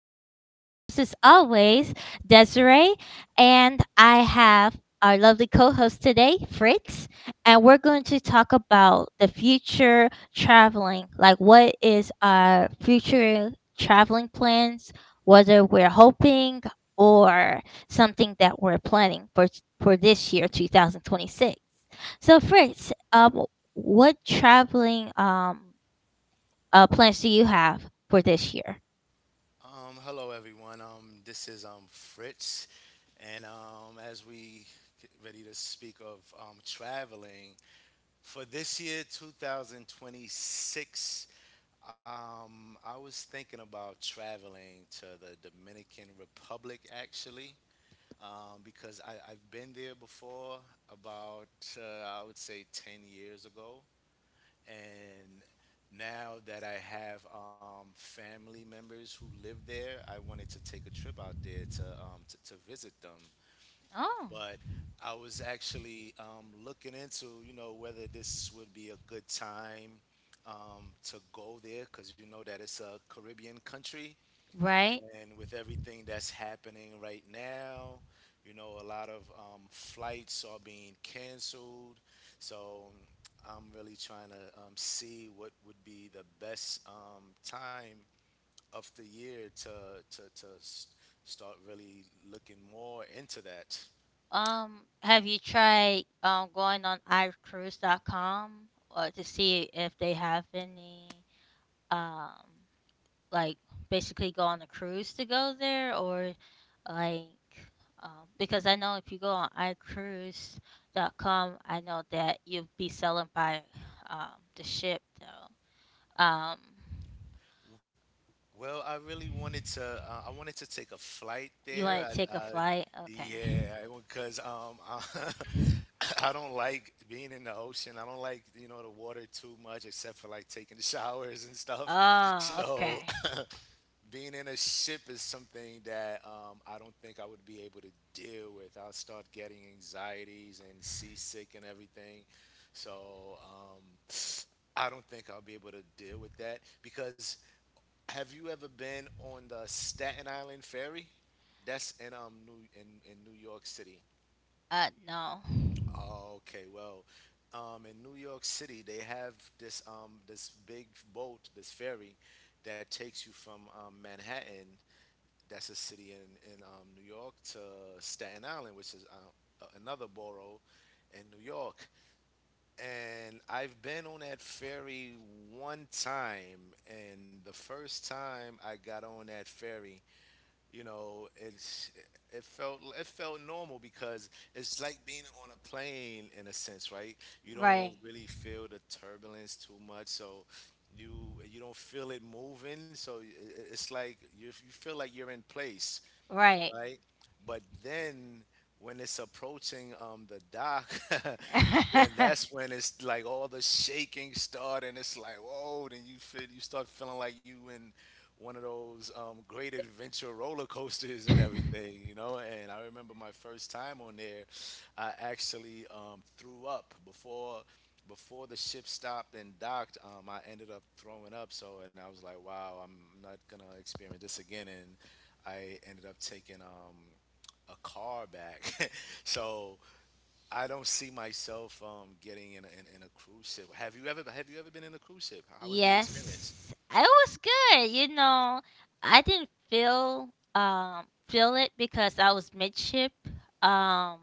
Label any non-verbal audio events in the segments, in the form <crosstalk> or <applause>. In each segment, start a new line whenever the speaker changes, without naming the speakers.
podcast. Your host is always Desiree, and I have our lovely co host today, Fritz, and we're going to talk about the future traveling. Like, what is our future traveling plans, whether we're hoping or something that we're planning for this year, 2026. So, Fritz, um, what traveling plans do you have for this year?
Hello everyone. This is Fritz, and as we get ready to speak of traveling for this year, 2026. I was thinking about traveling to the Dominican Republic actually, because I've been there before about I would say 10 years ago, and now that I have family members who live there, I wanted to take a trip out there to to visit them.
Oh,
But I was actually looking into, you know, whether this would be a good time to go there, because you know that it's a Caribbean country,
right.
and with everything that's happening right now, you know, a lot of flights are being canceled. So I'm really trying to see what would be the best time of the year to start really looking more into that.
Have you tried going on iCruise.com to see if they have any um like basically go on a cruise to go there? Or like because I know if you go on iCruise.com I know that you'll be selling by the ship though. Um,
Well, I really wanted to. I wanted to take a flight
you
there.
want to take a flight? Okay.
Yeah, because <laughs> I don't like being in the ocean. I don't like, you know, the water too much, except for like taking showers and stuff.
Oh,
So
okay.
<laughs> being in a ship is something that I don't think I would be able to deal with. I'll start getting anxieties and seasick and everything. So um, I don't think I'll be able to deal with that. Because have you ever been on the Staten Island ferry? That's in in New York City.
No.
Okay, well, in New York City they have this this big boat, this ferry that takes you from Manhattan, that's a city in New York, to Staten Island, which is another borough in New York. And I've been on that ferry one time, and the first time I got on that ferry, you know, it's it felt normal, because it's like being on a plane in a sense, right? You don't
Right.
really feel the turbulence too much. So you don't feel it moving, so it's like you feel like you're in place,
Right.
right? But then when it's approaching the dock, <laughs> then that's when it's like all the shaking start, and it's like whoa. Then you start feeling like you in one of those great adventure roller coasters and everything,
<laughs>
you know. And I remember my first time on there, I actually threw up before the ship stopped and docked. I ended up throwing up. So, and I was like, wow, I'm not gonna experience this again. And I ended up taking a car back. <laughs> So I don't see myself getting in in a cruise ship. Have you ever been in a cruise ship? How was the experience?
Yes. I was good, you know. I didn't feel feel it because I was midship. Um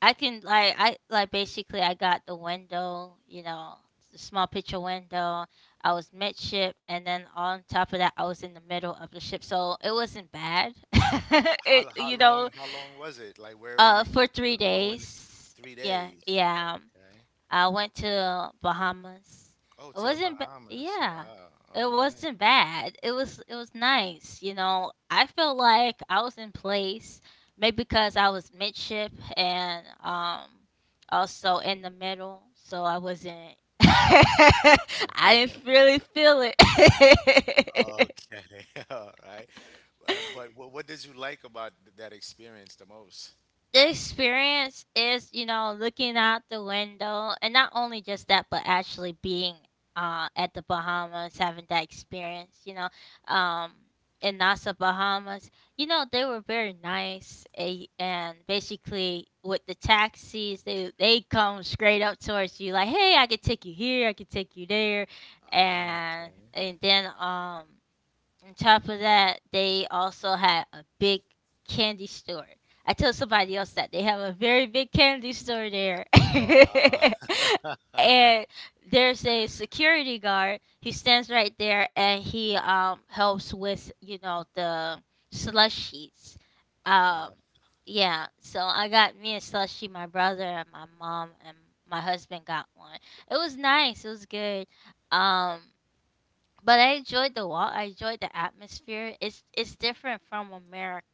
I can like I like basically I got the window, you know, the small picture window. I was midship and then on top of that I was in the middle of the ship. So it wasn't bad. <laughs> It
How long was it? Like where were you
For three
going?
days.
Three
Yeah,
days. Oh,
yeah.
okay.
I went to Bahamas.
Oh,
It
to the
wasn't.
Bahamas.
Yeah,
Wow.
it wasn't bad. It was. It was nice. You know, I felt like I was in place. Maybe because I was midship and also in the middle, so I wasn't. <laughs> I didn't really feel
All
it. <laughs>
right. Okay. <laughs> All right. But what did you like about that experience the most?
The experience is you know looking out the window, and not only just that but actually being at the bahamas, having that experience, you know, um in Nassau, bahamas. You know, they were very nice, and basically with the taxis, they come straight up towards you like hey, I could take you here, I could take you there.
Oh,
and
okay.
and then on top of that, they also had a big candy store. I told somebody else that they have a very big candy store there.
Wow.
<laughs> And there's a security guard. He stands right there and he helps with, you know, the slushies.
<laughs>
Um,
Oh.
yeah, so I got me a slushie, my brother and my mom and my husband got one. It was nice. It was good. Um but I enjoyed the walk. I enjoyed the atmosphere. It's different from America.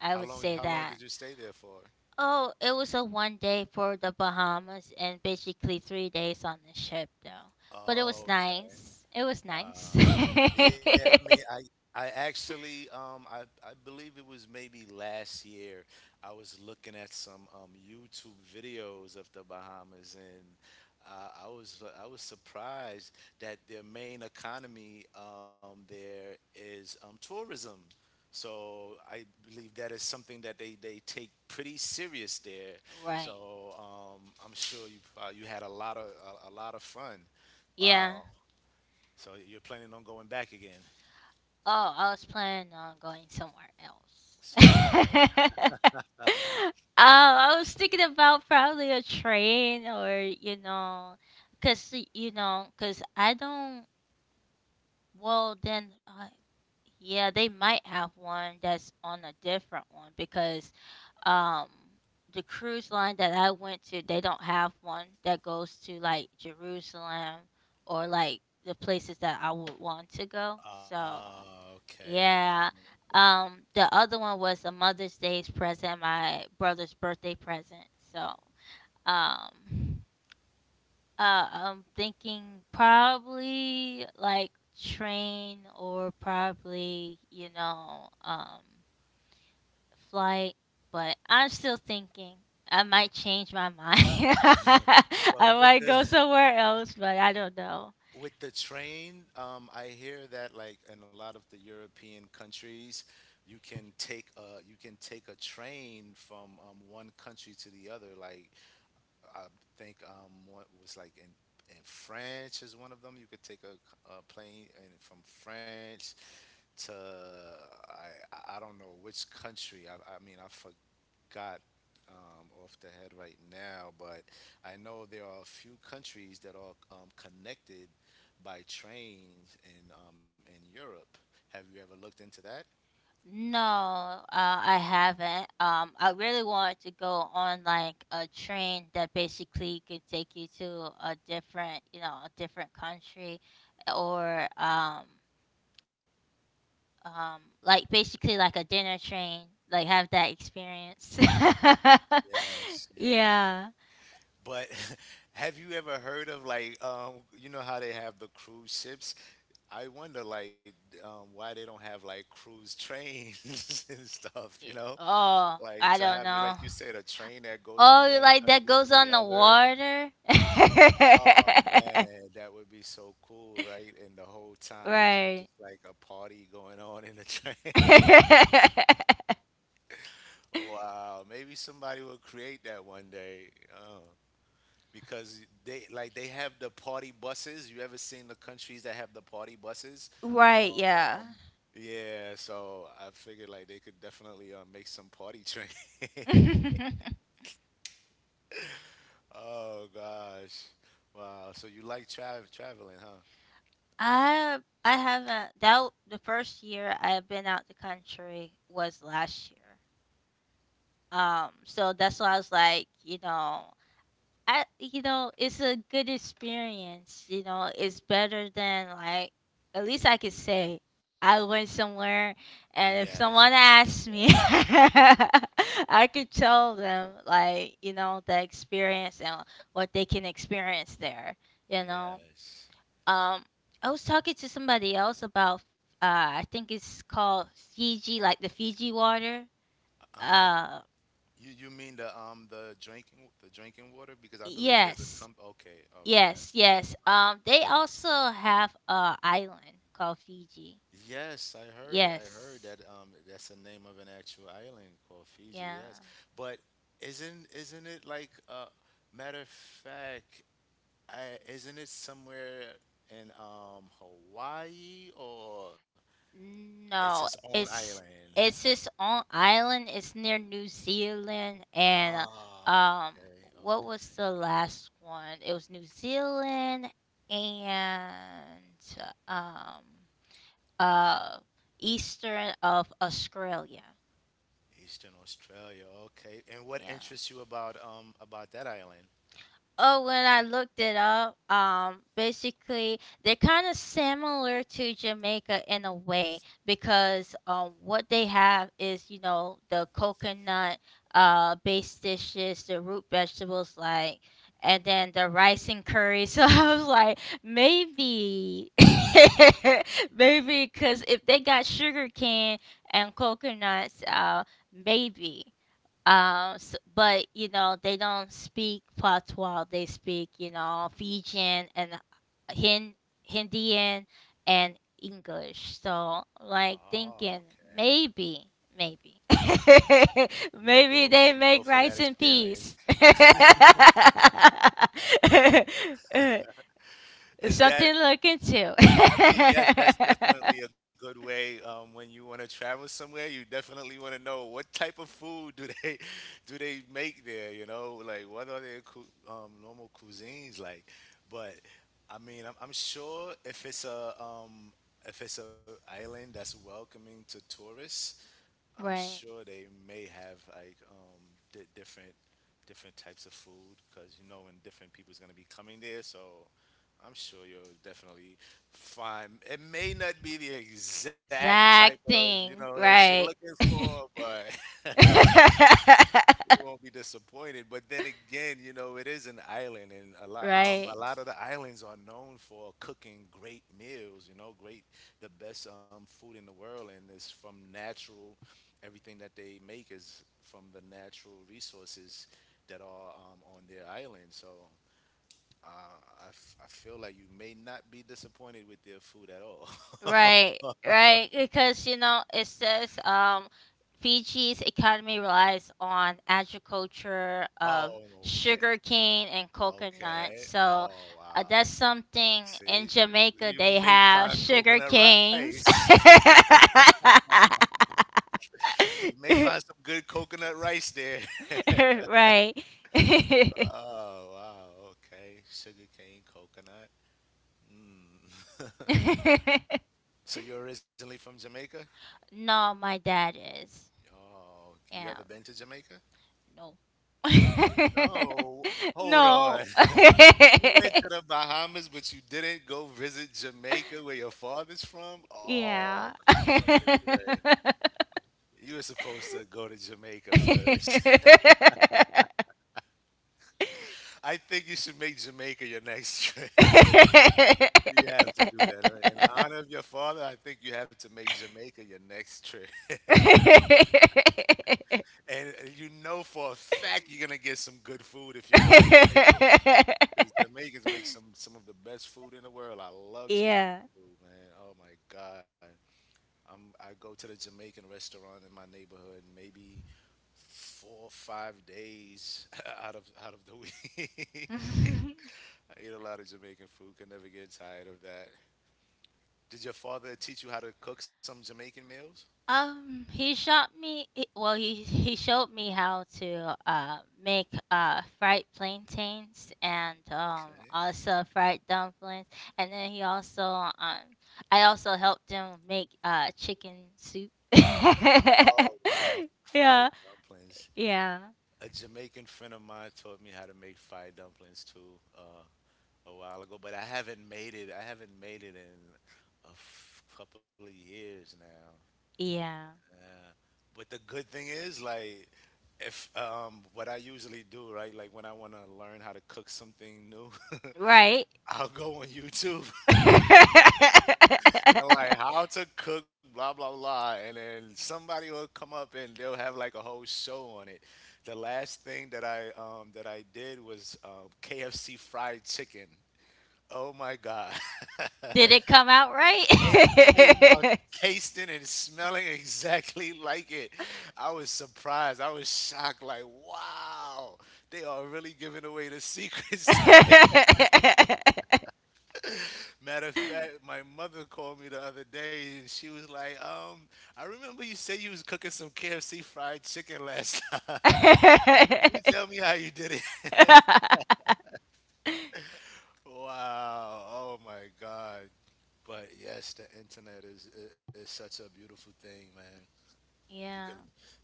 I
How
would
long?
say
How long
that.
did you stay there for?
Oh, it was a one day for the Bahamas and basically 3 days on the ship though. But it was
Oh, okay.
nice. It was nice.
Wow.
<laughs>
Yeah, I mean, I actually I believe it was maybe last year I was looking at some YouTube videos of the Bahamas, and I was surprised that their main economy there is tourism. So I believe that is something that they take pretty serious there.
Right.
So I'm sure you you had a lot of a lot of fun.
Yeah.
Wow. So you're planning on going back again
Oh, I was planning on going somewhere
somewhere
else.
else?
<laughs> I was thinking about probably a train, or you know, you know, cause I don't. Well, then, yeah, they might have one that's on a different one because um, the cruise line that I went to, they don't have one that goes to like Jerusalem or like the places that I would want to go. So,
Ah, okay, okay.
yeah. The other one was a Mother's Day's present, my brother's birthday present. So, um, I'm thinking probably like train, or probably, you know, flight, but I'm still thinking. I might change my mind. <laughs> I
Well, with
might
the
go somewhere else, but I don't know.
<laughs> with the train, I hear that, like, in a lot of the European countries, you can take a you can take a train from one country to the other. Like I think what was like in France is one of them. You could take a plane, and from France to I don't know which country. I mean, I forgot got off the head right now. But I know there are a few countries that are connected by trains in Europe. Have you ever looked into that?
No, I haven't. I really wanted to go on like a train that basically could take you to a different, you know, a different country. Or like basically like a dinner train, like have that experience.
Mm,
<laughs>
yes, yes.
Yeah.
But <laughs> have you ever heard of, like, you know how they have the cruise ships? I wonder like why they don't have like cruise trains <laughs> and stuff, you know?
Oh,
Like,
I
to
don't
have,
know.
like you said, a train that goes from
Oh, you
one
like that
country to
goes
the
on the
other.
water?
Oh
<laughs>
man, that would be so cool, right? And the whole time it's just
Right.
like a party going on in the train. <laughs>
<laughs>
Wow, maybe somebody will create that one day. Oh, because they like they have the party buses. You ever seen the countries that have the party buses?
Right.
Um,
Yeah.
yeah, so I figured like they could definitely make some party train. <laughs>
<laughs>
Oh gosh. Wow, so you like traveling, huh?
I haven't the first year I've been out the country was last year. So that's why I was like, you know, I you know, it's a good experience, you know. It's better than like at least I could say I went somewhere. And if
Yes.
someone asks me
Yes.
<laughs> I could tell them like, you know, the experience and what they can experience there, you know.
Yes.
Um, I was talking to somebody else about I think it's called Fiji, like the Fiji water.
Uh-huh.
Uh,
You mean the the drinking water, because I believe there's a
yes.
comp, okay, all right. I
Yes,
see what you're
yes.
talking about.
They also have a island called Fiji.
Yes, I heard
Yes,
that that's the name of an actual island called Fiji,
yeah.
yes. But isn't it like matter of fact, I isn't it somewhere in Hawaii, or it's its
No,
own island?
it's its own island. It's near New Zealand and
Oh,
um,
okay,
what was
okay.
the last one? It was New Zealand and um, uh, eastern of Australia.
Eastern Australia. Okay. And what
Yeah.
interests you about that island?
Oh, when I looked it up, basically they're kind of similar to Jamaica in a way because what they have is you know the coconut based dishes, the root vegetables like, and then the rice and curry. <laughs> So I was like, maybe, <laughs> maybe, because if they got sugar cane and coconuts, maybe. S But, you know, they don't speak patois. They speak, you know, Fijian and Hin Hindian and English. So, like
Oh,
thinking
okay.
maybe, maybe, <laughs>
You would
maybe
go
they
you go
make
for that
rice and
experience.
peas. <laughs>
Is that—
Something to look into.
I mean, yes, that's
<laughs>
definitely a good way, when you want to travel somewhere, you definitely want to know what type of food do they <laughs> do they make there, you know? Like, what are their cu normal cuisines like? But I mean, I'm sure if it's a um if it's a island that's welcoming to tourists, I'm
Right.
sure they may have like di different different types of food, because you know when different people's gonna be coming there. So I'm sure you'll definitely find. It may not be the exact type
Exact
of, you know,
thing.
that you're
Right.
looking for, but <laughs> you
<laughs>
won't be disappointed. But then again, you know, it is an island, and a
Right,
lot of the islands are known for cooking great meals. You know, great the best food in the world, and it's from natural. Everything that they make is from the natural resources that are on their island. So. I feel like you may not be disappointed with their food at all.
right,
<laughs>
right. Because you know it says Fiji's economy relies on agriculture of
Oh, okay.
sugarcane and coconut.
Okay.
So
Oh, wow.
that's something in
See,
Jamaica
you
they
may
have
find
sugar
coconut
canes.
rice. <laughs> You may find
<laughs>
some good coconut rice there. <laughs>
Right. <laughs>
Oh wow, okay, sugarcane coconut. Mm.
<laughs>
<laughs> So you're originally from Jamaica?
No, my dad is.
Oh, you
Yeah.
ever been to Jamaica?
No. <laughs>
No, hold
No.
on. <laughs> You went to the Bahamas, but you didn't go visit
<laughs>
Jamaica, where your father's from? Oh,
Yeah.
come
<laughs>
on, Desiree. You were supposed to go to Jamaica first. I think you should make Jamaica your next trip. <laughs> You have to do that. In honor of your father, I think you have to make Jamaica your next trip. <laughs> And you know for a fact you're going to get some good food if you go to Jamaica, because Jamaicans make some of the best food in the world. I love Jamaican
Yeah.
food, man. Oh my God. I go to the Jamaican restaurant in my neighborhood maybe 4 or 5 days <laughs> out of the week. <laughs>
<laughs>
I eat a lot of Jamaican food. Can never get tired of that. Did your father teach you how to cook some Jamaican meals?
He showed me. He- Well, he showed me how to make fried plantains and
Okay.
also fried dumplings, and then he also I also helped him make chicken soup. <laughs> Yeah,
Oh wow, fried dumplings.
yeah,
A Jamaican friend of mine taught me how to make fried dumplings too, a while ago, but I haven't made it. I haven't made it in couple of years now.
yeah.
Yeah. But the good thing is, like, if what I usually do, right, like when I want to learn how to cook something new,
Right.
<laughs> I'll go on YouTube
<laughs>
and like how to cook, blah blah blah, and then somebody will come up and they'll have like a whole show on it. The last thing that I did was KFC fried chicken. Oh my god,
Did
<laughs>
it come out right?
it came out tasting and smelling exactly <laughs> like it. I was surprised. I was shocked. Like, wow, they are really giving away the secrets. <laughs> Matter of fact, my mother called me the other day and she was like, I remember you said you was cooking some KFC fried chicken last <laughs> time. Can you tell
<laughs>
me how you did it? <laughs>
<laughs>
Wow. Oh my God. But yes, the internet is is such a beautiful thing, man. You can
Yeah.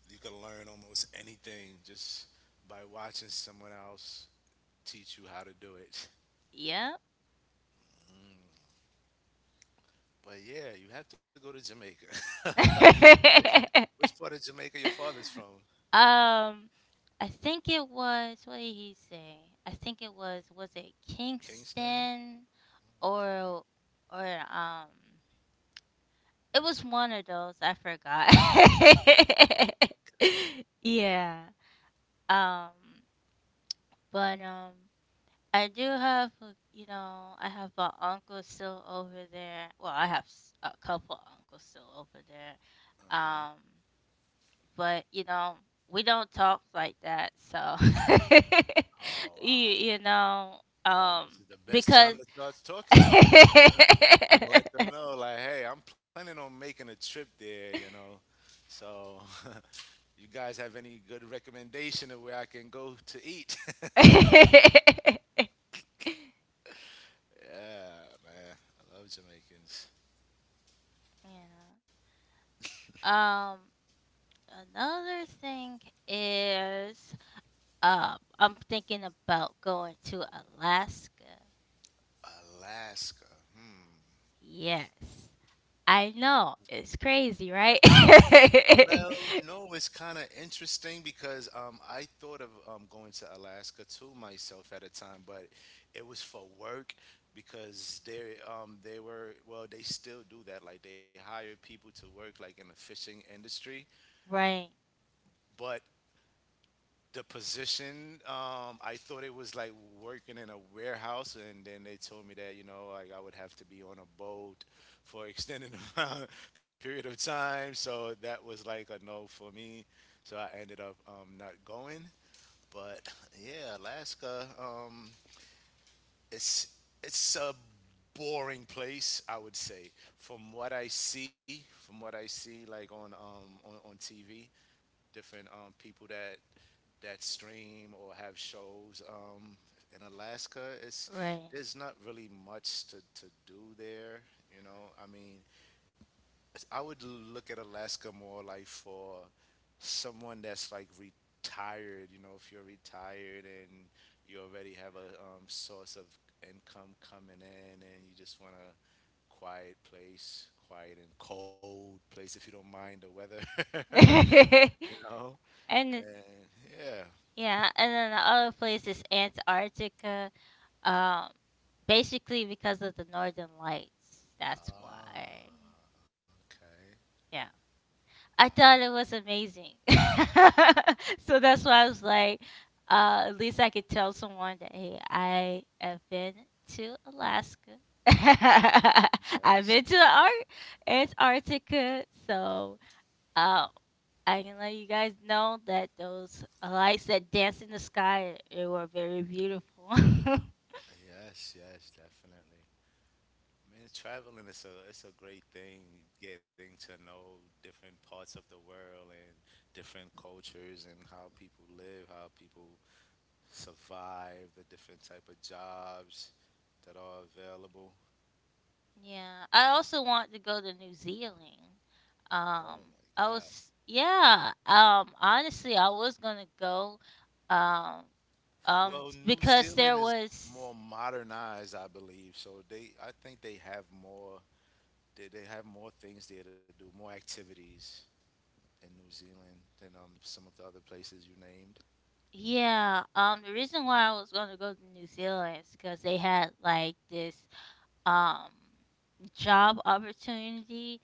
you can learn almost anything just by watching someone else teach you how to do it.
Yeah.
<laughs> But yeah, you have to go to Jamaica. <laughs>
<laughs>
Which part of Jamaica your father's from?
Um, I think it was, what did he say? I think it was it
Kingston?
Kingston?
Correct,
Or or um it was one of those, I forgot.
correct.
<laughs> Yeah. Um but I do have, you know, I have an uncle still over there. Well, I have a couple uncles still over there.
Uh-huh.
Um, but you know, we don't talk like that, so
Oh,
<laughs> you,
wow.
you know,
Well,
um,
this is the best
because
time to start
<laughs>
talking to them.
yeah.
<laughs> Let them know, like, hey, I'm planning on making a trip there, you know. So, <laughs> you guys have any good recommendation of where I can go to eat? <laughs> Yeah, man. I love Jamaicans.
Um, another thing is, I'm thinking about going to Alaska.
Alaska. Hmm.
Yes. I know. It's crazy, right? <laughs>
Well, no, it's kind of interesting because I thought of going to Alaska too myself at a time, but it was for work because they were well, they still do that. Like they hire people to work like in the fishing industry,
Right.
but the position I thought it was like working in a warehouse, and then they told me that you know like I would have to be on a boat for extended <laughs> amount, period of time, so that was like a no for me. So I ended up not going. But yeah, Alaska, it's a boring place, I would say, from what I see, like on on TV. Different people that stream or have shows. In Alaska, it's
Right.
there's not really much to do there. You know, I mean, I would look at Alaska more like for someone that's like retired. You know, if you're retired and you already have a source of income coming in, and you just want a quiet place, quiet and cold place if you don't mind the weather.
<laughs>
<laughs>
and
You know,
then-
and yeah.
yeah, and then the other place is Antarctica. Um Basically because of the northern lights. That's
Ah,
why.
okay.
Yeah. I
Ah,
thought it was amazing. <laughs> So that's why I was like, at least I could tell someone that, hey, I have been to Alaska. <laughs> I've
yes.
been to the Antarctica. So, um, I can let you guys know that those lights that dance in the sky, they were very beautiful. <laughs>
Yes, yes, definitely. I mean, traveling is a it's a great thing, getting to know different parts of the world and different cultures and how people live, how people survive, the different type of jobs that are available.
Yeah, I also want to go to New Zealand.
Oh
Um,
my
I
God.
was, yeah. Honestly, I was gonna go. Um,
Well, New
because there
Zealand is more
was
modernized, I believe. So they, I think they have more. They have more things there to do, more activities in New Zealand than some of the other places you named.
yeah. The reason why I was gonna go to New Zealand is because they had like this um job opportunity.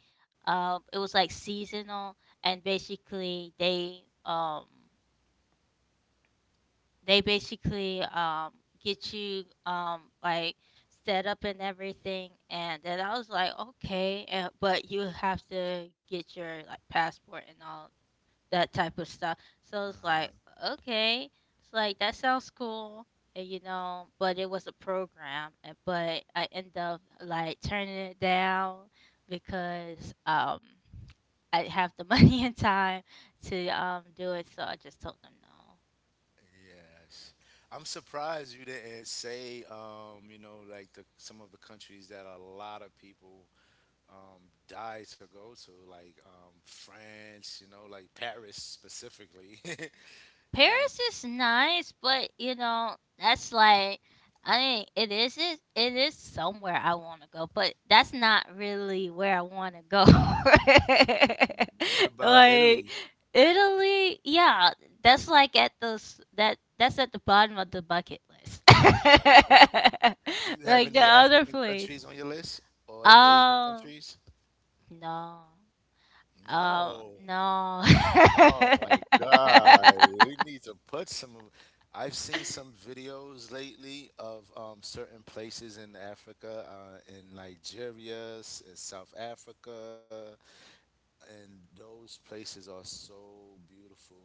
It was like seasonal, and basically they basically get you like set up and everything. And then I was like, okay, and, but you have to get your like passport and all that type of stuff. So it's like
Uh-huh.
okay, it's like that sounds cool, and, you know, but it was a program and, but I end up like turning it down because I have the <laughs> money and time to do it. So I just told them no.
Yes. I'm surprised you didn't say, you know, like the some of the countries that a lot of people um, die to go to, like France, you know, like Paris specifically. <laughs> You know,
Paris is nice, but you know, that's like I mean, it is somewhere I want to go, but that's not really where I want to go.
what
<laughs>
about
Like
Italy?
Italy, yeah, that that's at the bottom of the bucket list. <laughs>
Oh, okay, okay. Do you have
Like the
any
other
African countries
place.
on your list or any Asian
Um,
countries?
no.
No.
No.
Oh my God. You need to put some. I've seen some
<laughs>
videos lately of certain places in Africa, in Nigeria, in South Africa, and those places are so beautiful.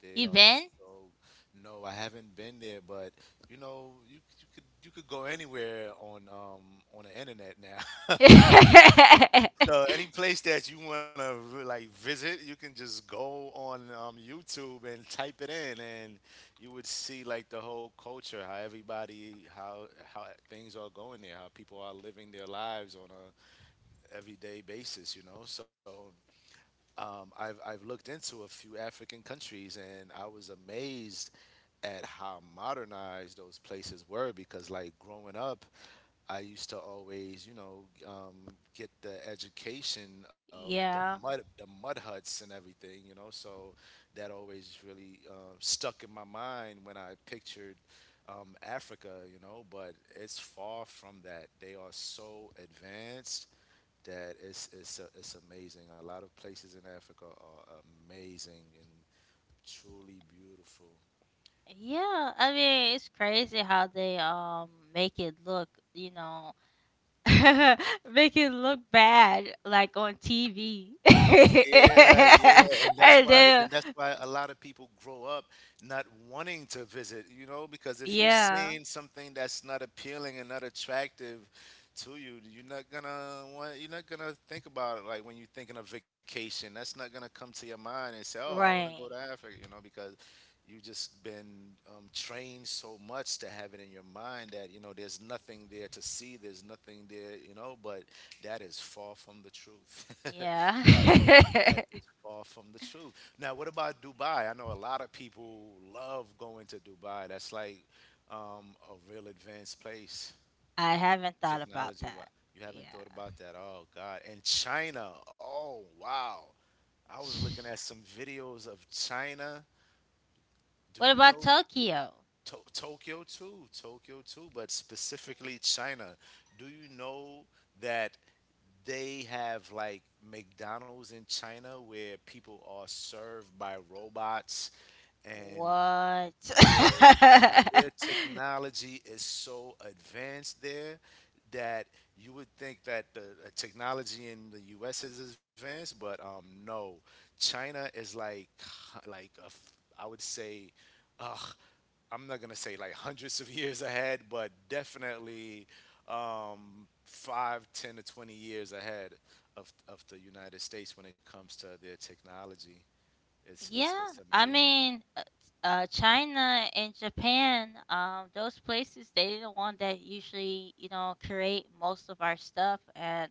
They
You
are
been?
so. No, I haven't been there, but you know, you could go anywhere on the internet
<laughs>
now. <laughs>
Yeah.
So any place that you want to like visit, you can just go on YouTube and type it in, and you would see like the whole culture, how everybody, how how things are going there, how people are living their lives on a everyday basis, you know. So I've looked into a few African countries, and I was amazed at how modernized those places were because like growing up I used to always, you know, get the education of the mud huts and everything, you know. So that always really stuck in my mind when I pictured Africa, you know. But it's far from that. They are so advanced that it's amazing. A lot of places in Africa are amazing and truly beautiful.
Yeah. I mean, it's crazy how they make it look, you know, <laughs> make it look bad like on TV. <laughs>
Yeah, yeah,
And
and
then
that's why a lot of people grow up not wanting to visit, you know, because if you're
yeah,
seeing something that's not appealing and not attractive to you, you're not gonna want, you're not gonna think about it. Like when you're thinking of vacation, that's not gonna come to your mind and say, "Oh, I want to go to
right.
Africa," you know, because you just been trained so much to have it in your mind that you know there's nothing there to see, there's nothing there, you know. But that is far from the truth. <laughs>
Yeah.
That is
<laughs>
far from the truth. Now, what about Dubai? I know a lot of people love going to Dubai. That's like a real advanced place,
I haven't thought about
technology wise.
that.
You haven't
Yeah.
thought about that? Oh, God. And China. Oh, wow. I was looking at some
<sighs>
videos of China. Do
What
you
about
know
Tokyo?
Tokyo too? Tokyo too, but specifically China. Do you know that they have like McDonald's in China where people are served by robots, and
What?
yeah, their
<laughs>
technology is so advanced there that you would think that the technology in the US is advanced, but no. China is like <sighs> like a I would say I'm not gonna say like hundreds of <laughs> years ahead, but definitely 5, 10 to 20 years ahead of the United States when it comes to their technology. It's it's
Yeah,
it's
I
amazing.
mean, China and Japan, those places, they're the one that usually, you know, create most of our stuff and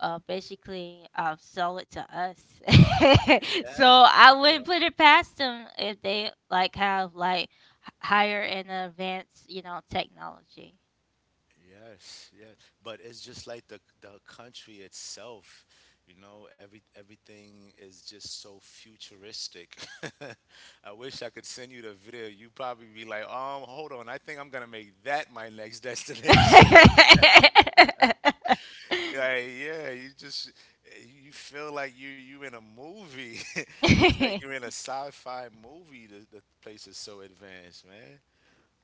basically sell it to us. <laughs>
Yeah.
So I
Yeah.
wouldn't put it past them if they like have like higher and advanced, you know, technology.
Yes, yes. But it's just like the country itself, you know, everything is just so futuristic. <laughs> I wish I could send you the video. You probably be like, hold on, I think I'm gonna make that my next <laughs> destination. Like, yeah, you just you feel like you in a movie. <laughs> It's like you're in a
<laughs>
sci-fi movie. The place is so advanced, man.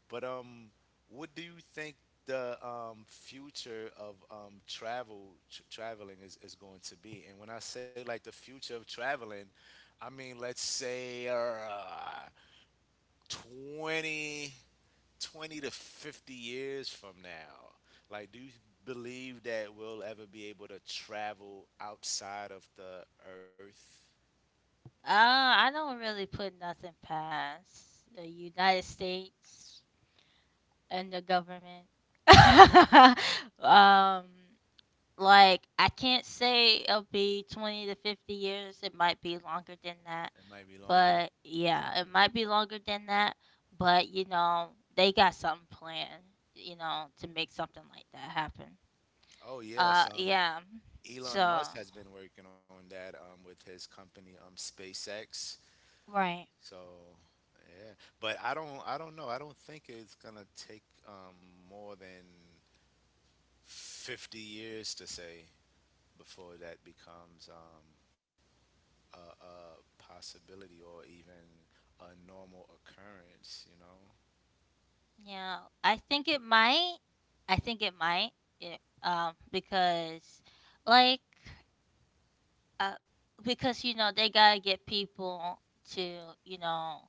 But what do you think the future of traveling is going to be? And when I say like the future of traveling, I mean let's say 20 20 to 50 years from now? Like, do you believe that we'll ever be able to travel outside of the Earth?
I don't really put nothing past the United States and the government. <laughs> Um, like I can't say it'll be 20 to 50 years. It might be longer than that,
It might be longer.
but
Okay.
yeah, it might be longer than that. But you know, they got something planned. You know, to make something like that happen.
Oh yes,
Yeah.
Elon
So
Musk has been working on that with his company SpaceX.
right.
So yeah, but I don't know. I don't think it's gonna take more than 50 years to say before that becomes a possibility or even a normal occurrence, you know?
Yeah, I think it might. I think it might. It, um, because, like, uh, because you know they gotta get people to you know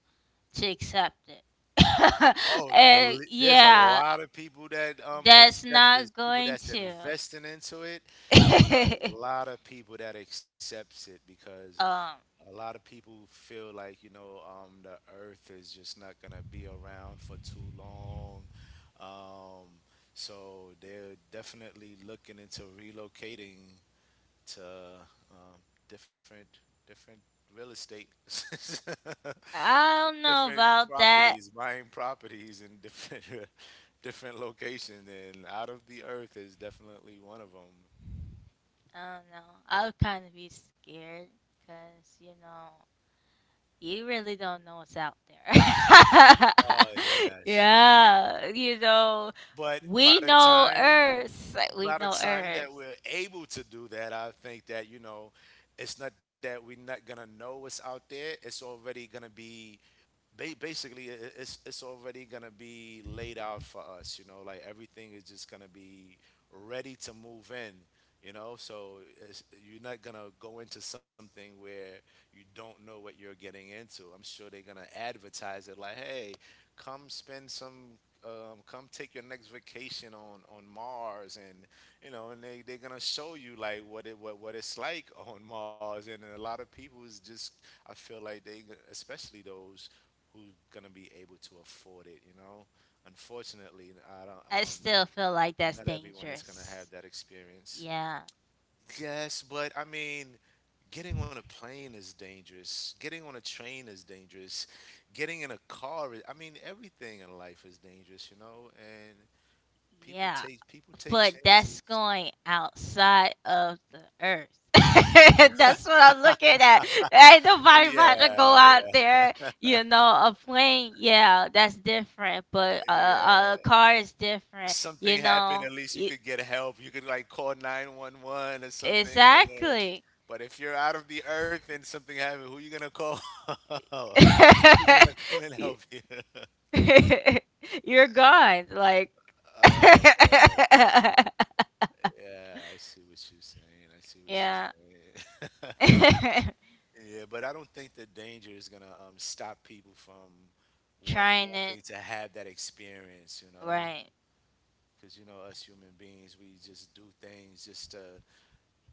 to accept it, <laughs>
Oh,
and
belie there's a
yeah,
lot of people that
that's
accept. There's
not
people
going
that's
to.
investing into it. There's
<laughs>
a lot of people that accepts it because
Um,
a lot of people feel like, you know, the Earth is just not gonna be around for too long. Um, so they're definitely looking into relocating to um, different different real estate, <laughs>
I don't know
different
about that.
properties, buying properties in different <laughs> different locations, and out of the Earth is definitely one of them.
I don't know. I would kind of be scared because you know. You really don't know what's out there.
Oh
<laughs>
yes.
Yeah,
But
we know Earth. Like, we
by the
know
time that
Earth.
we're able to do that, I think that, you know, it's not that we're not gonna know what's out there. It's already gonna be basically it's already gonna be laid out for us, you know, like everything is just gonna be ready to move in, you know, so it's, you're not gonna go into something where you don't know what you're getting into. I'm sure they're gonna advertise it like, hey, come spend some come take your next vacation on Mars, and you know and they're gonna show you like what it's like on Mars, and a lot of people's just I feel like they, especially those who's gonna be able to afford it. You know, unfortunately, I don't.
I still feel like that's
Not everyone is gonna have
dangerous.
that experience.
Yeah,
Yes, but I mean, getting on a plane is dangerous. Getting on a train is dangerous. Getting in a car is, I mean, everything in life is dangerous, you know, and
yeah.
people take
But that's
chances.
going outside of the Earth. <laughs> That's what I'm looking at. Ain't nobody
Yeah,
about to go
yeah,
out there. A plane, yeah, that's different. But a
yeah.
car is different.
Something happened, at least you could get help. You could like call 911 or something, and then
Exactly.
but if you're out of the Earth and something happened, who you gonna call? <laughs> Who's
<laughs>
gonna come and
You-
help you? <laughs>
<laughs> You're gone. Like,
Oh
<laughs>
man. Yeah, I see what you're saying. I see what
yeah.
you're saying.
<laughs>
<laughs> Yeah, but I don't think the danger is gonna stop people from
Trying it.
wanting to have that experience, you know?
Right.
Because, you know, us human beings, we just do things just to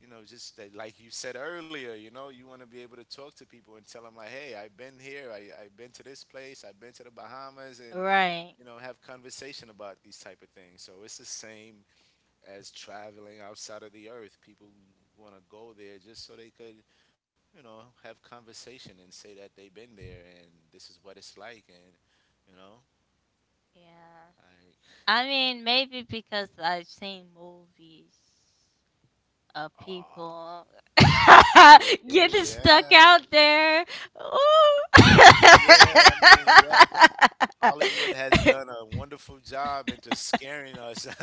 you know, just that, like you said earlier, you know, you want to be able to talk to people and tell them like, hey, I've been here, I've been to this place, I've been to the Bahamas, and
Right.
you know, have conversation about these type of things. So it's the same as traveling outside of the Earth. People want to go there just so they could, you know, have conversation and say that they've been there and this is what it's like, and you know,
Yeah.
like,
I mean, maybe because I've seen movies of
oh,
people <laughs> getting
yeah,
stuck out there.
yeah. I mean, yes, Hollywood has done a wonderful job into scaring us <laughs>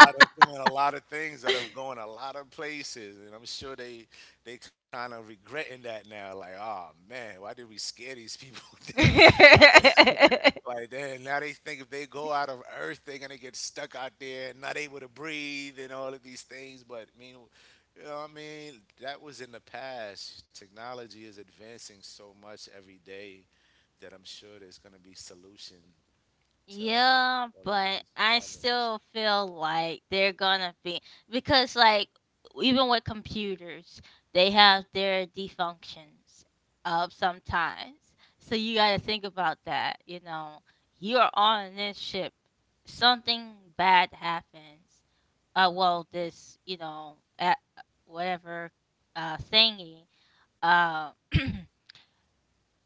out of doing a lot of things, out of going a lot of places, and I'm sure they kind of regretting that now. Like, oh man, why did we scare these people? <laughs> then?
Ooh. <laughs> <laughs>
Like, then now they think if they go out of Earth, they're gonna get stuck out there, and not able to breathe, and all of these things. But I mean, you know, what I mean, that was in the past. Technology is advancing so much every day that I'm sure there's gonna be solution to
Yeah,
all of
but
these
I
problems.
still feel like they're gonna be, because like even with computers, they have their defunctions of sometimes. So you gotta think about that, you know. You're on this ship. Something bad happens. Well this, at whatever thingy. Uh <clears throat>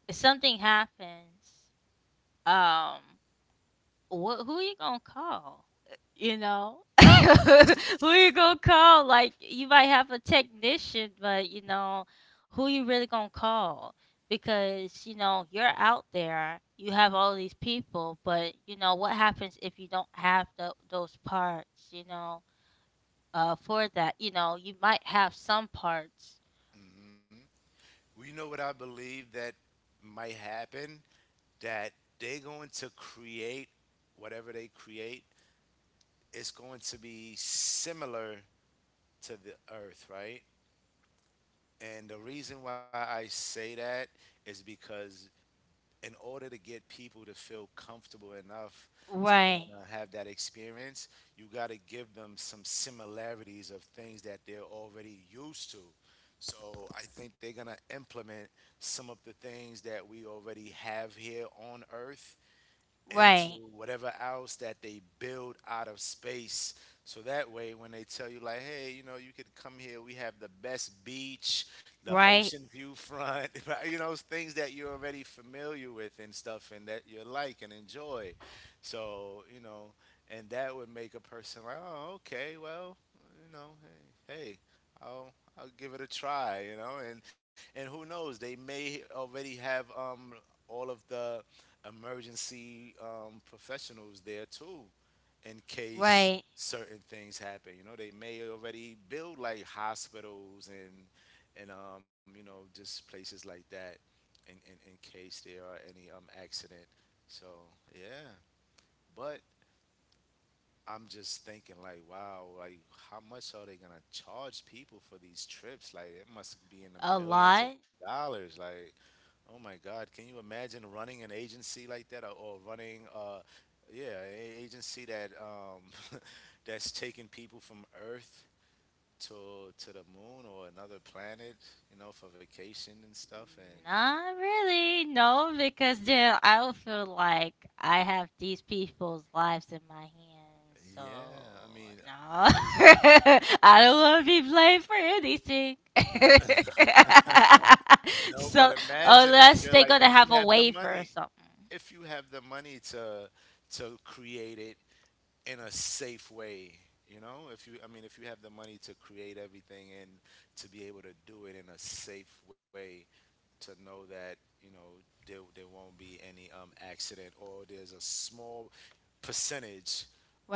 if something happens. Um what who you gonna call? Uh, You know, <laughs> who you gonna call? Like you might have a technician, but who you really gonna call? Because you know you're out there, you have all these people, but you know what happens if you don't have those parts? For that, you might have some parts.
Well, know what I believe that might happen? That they're going to create whatever they create, it's going to be similar to the earth, right? And the reason why I say that is because in order to get people to feel comfortable enough to want
Right,
to have that experience, you got to give them some similarities of things that they're already used to. So I think they're going to implement some of the things that we already have here on earth into
right,
whatever else that they build out of space. So that way, when they tell you, like, hey, you know, you could come here, we have the best beach, the
right,
ocean view front, <laughs> right, you know, things that you're already familiar with and stuff and that you like and enjoy. So, you know, and that would make a person like, oh, okay, well, you know, hey, hey, I'll I'll give it a try, you know, and who knows, they may already have all of the emergency professionals there too in case
right.
certain things happen. You know, they may already build like hospitals and you know just places like that in case there are any accident. So yeah, but I'm just thinking like, wow, like how much are they gonna charge people for these trips? Like it must be in the
A
millions of
lot.
dollars. Like oh my God! Can you imagine running an agency like that, or, running, yeah, an agency that <laughs> that's taking people from Earth to the moon or another planet, you know, for vacation and stuff? And
Not really, no, because then I would feel like I have these people's lives in my hands, so
yeah, I mean,
no. <laughs>
you
I don't want to be blamed for anything.
no,
<laughs>
but
So
imagine if you're
unless
like
they're
if
gonna
you
have
have
a
the
waiver
money,
or something,
if you have the money to create it in a safe way. You know, if you, I mean, if you have the money to create everything and to be able to do it in a safe way, to know that you know there won't be any accident or there's a small percentage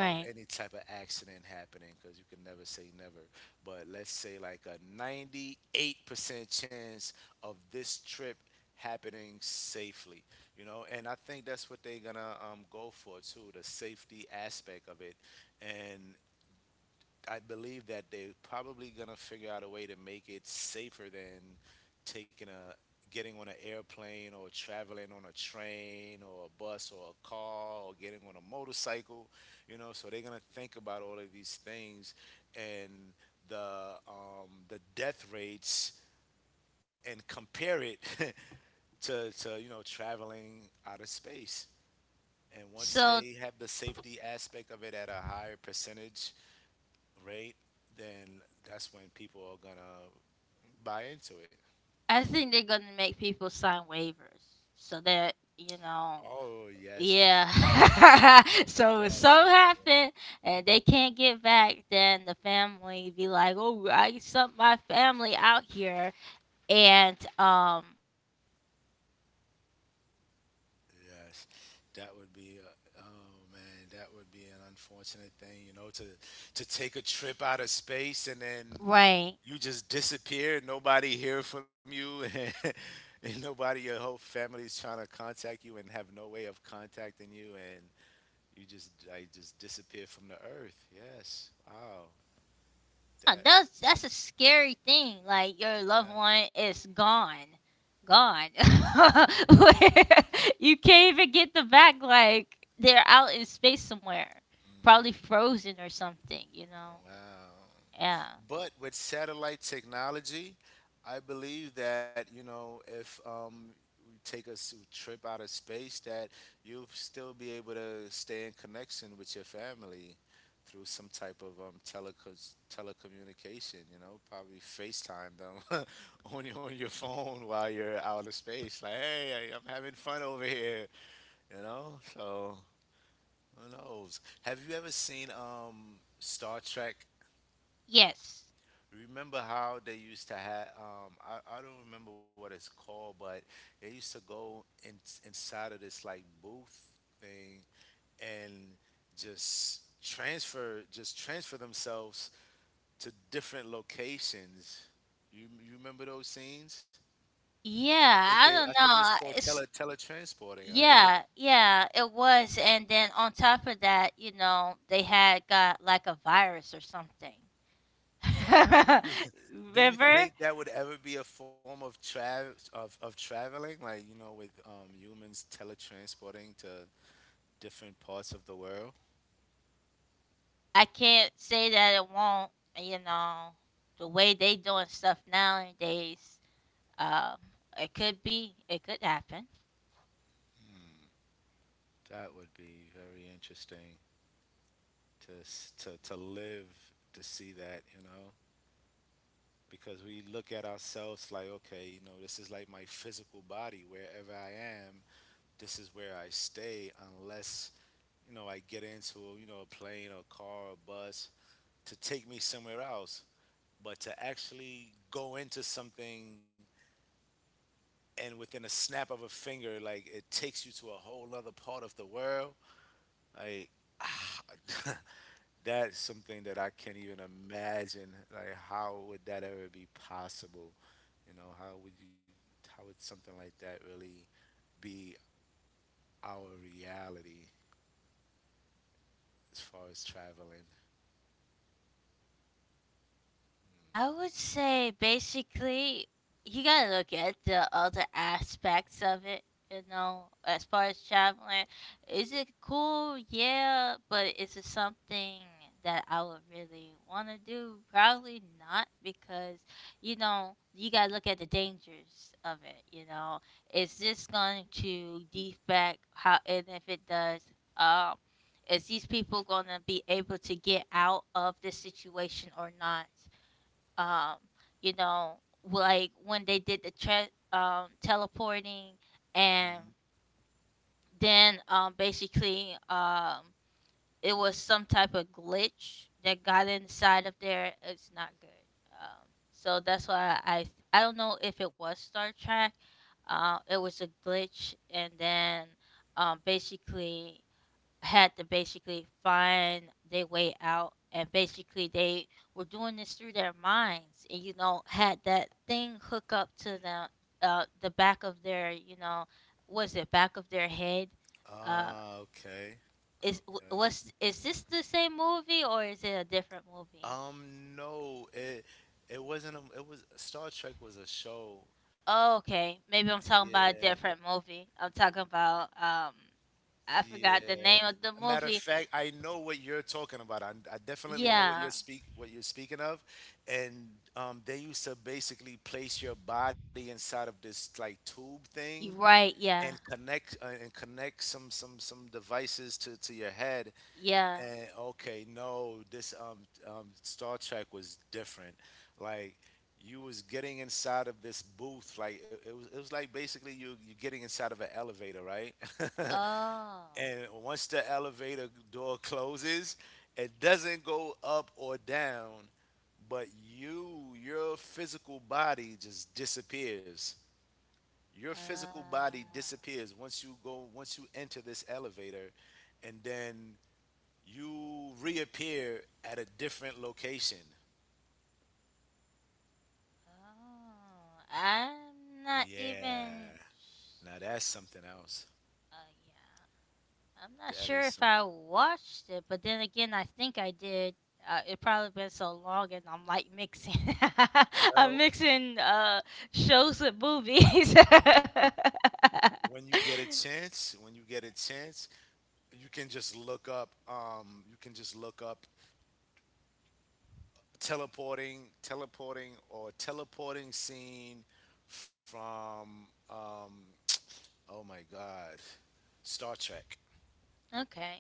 of any type of accident happening because you can never say never. But let's say like a 98% chance of this trip happening safely, you know. And I think that's what they're gonna go for too, the safety aspect of it, and I believe that they're probably gonna figure out a way to make it safer than taking a getting on an airplane or traveling on a train or a bus or a car or getting on a motorcycle, you know. So they're gonna think about all of these things and the death rates and compare it <laughs> to you know traveling out of space. And once
So
they have the safety aspect of it at a higher percentage, right? Then that's when people are gonna buy into it.
I think they're gonna make people sign waivers so that you know.
Oh yes,
Yeah.
definitely,
<laughs> So if something
definitely,
happened, and they can't get back, then the family be like, "Oh, I sent my family out here," and
yes. That would be, a, oh man, that would be an unfortunate thing, you know, to take a trip out of space and then
right.
you just disappear. Nobody hear from you, <laughs> and nobody, your whole family's trying to contact you and have no way of contacting you, and you just, I just disappear from the earth. Yes, wow,
Yeah,
that,
that's a
mm,
scary thing. Like your loved
yeah.
one is gone, gone. <laughs> Where you can't even get them back. Like they're out in space somewhere, probably
Mhm.
frozen or something. You know?
Wow.
Yeah.
But with satellite technology, I believe that, you know, if we take a trip out of space, that you'll still be able to stay in connection with your family through some type of telecos telecommunication, you know, probably FaceTime them <laughs> on your phone while you're out of space. Like, hey, I'm having fun over here, you know? So who knows? Have you ever seen Star Trek?
Yes.
Remember how they used to have? I don't remember what it's called, but they used to go in, inside of this like booth thing and just transfer themselves to different locations. You remember those scenes?
Yeah, I
I
don't
think it was
know.
called
It's
teletransporting, right?
Yeah, yeah, it was. And then on top of that, they had got like a virus or something.
Do
<laughs>
do you
Remember?
think that would ever be a form of travel of traveling, like you know, with humans teletransporting to different parts of the world?
I can't say that it won't, you know, the way they doing stuff nowadays, um, it could happen.
That would be very interesting to live to see that, you know, because we look at ourselves like, okay, you know, this is like my physical body. Wherever I am, this is where I stay, unless you know I get into you know a plane or car or bus to take me somewhere else. But to actually go into something and within a snap of a finger, like it takes you to a whole other part of the world, like. <laughs> That's something that I can't even imagine. Like, how would that ever be possible? You know, how would you, how would something like that really be our reality as far as traveling?
I would say basically you gotta look at the other aspects of it, as far as traveling. Is it cool? Yeah, but is it something that I would really wanna do? Probably not because, you gotta look at the dangers of it. Is this going to defect how, and if it does, um, is these people gonna be able to get out of this situation or not? um you know like when they did the teleporting,
Mhm.
and then basically it was some type of glitch that got inside of there. It's not good. So that's why I don't know if it was Star Trek. It was a glitch, and then basically had to basically find their way out, and basically they were doing this through their minds, and had that thing hook up to the the back of their, was it back of their head? uh
Ah, okay,
is w-
okay.
was is this the same movie, or is it a different movie?
No, it wasn't a, it was Star Trek was a show.
Oh, okay. Maybe I'm talking about a
Yeah,
different movie. I'm talking about I forgot the
yeah.
name of the
A matter of
movie.
fact, I know what you're talking about. I definitely know what you're
Yeah,
speak what you're speaking of, and they used to basically place your body inside of this like tube thing
you right. Yeah,
and connect some some devices to your head.
yeah.
And okay, no, this Star Trek was different. Like you was getting inside of this booth like it, it was like basically you're getting inside of an elevator, right? <laughs>
Oh.
And once the elevator door closes, it doesn't go up or down, but you, your physical body just disappears. Your physical
Uh,
body disappears once you go, once you enter this elevator, and then you reappear at a different location.
oh, I'm not
Yeah.
even.
Now
s-
that's something else.
Uh, yeah, I'm not
That is
sure if
some.
I watched it, but then again, I think I did. It probably been so long, and I'm like mixing. <laughs> I'm
Well,
mixing shows with movies.
when you get a
<laughs>
chance, when you get a chance, you can just look up. You can just look up or teleporting scene from. Oh my God, Star Trek
Okay.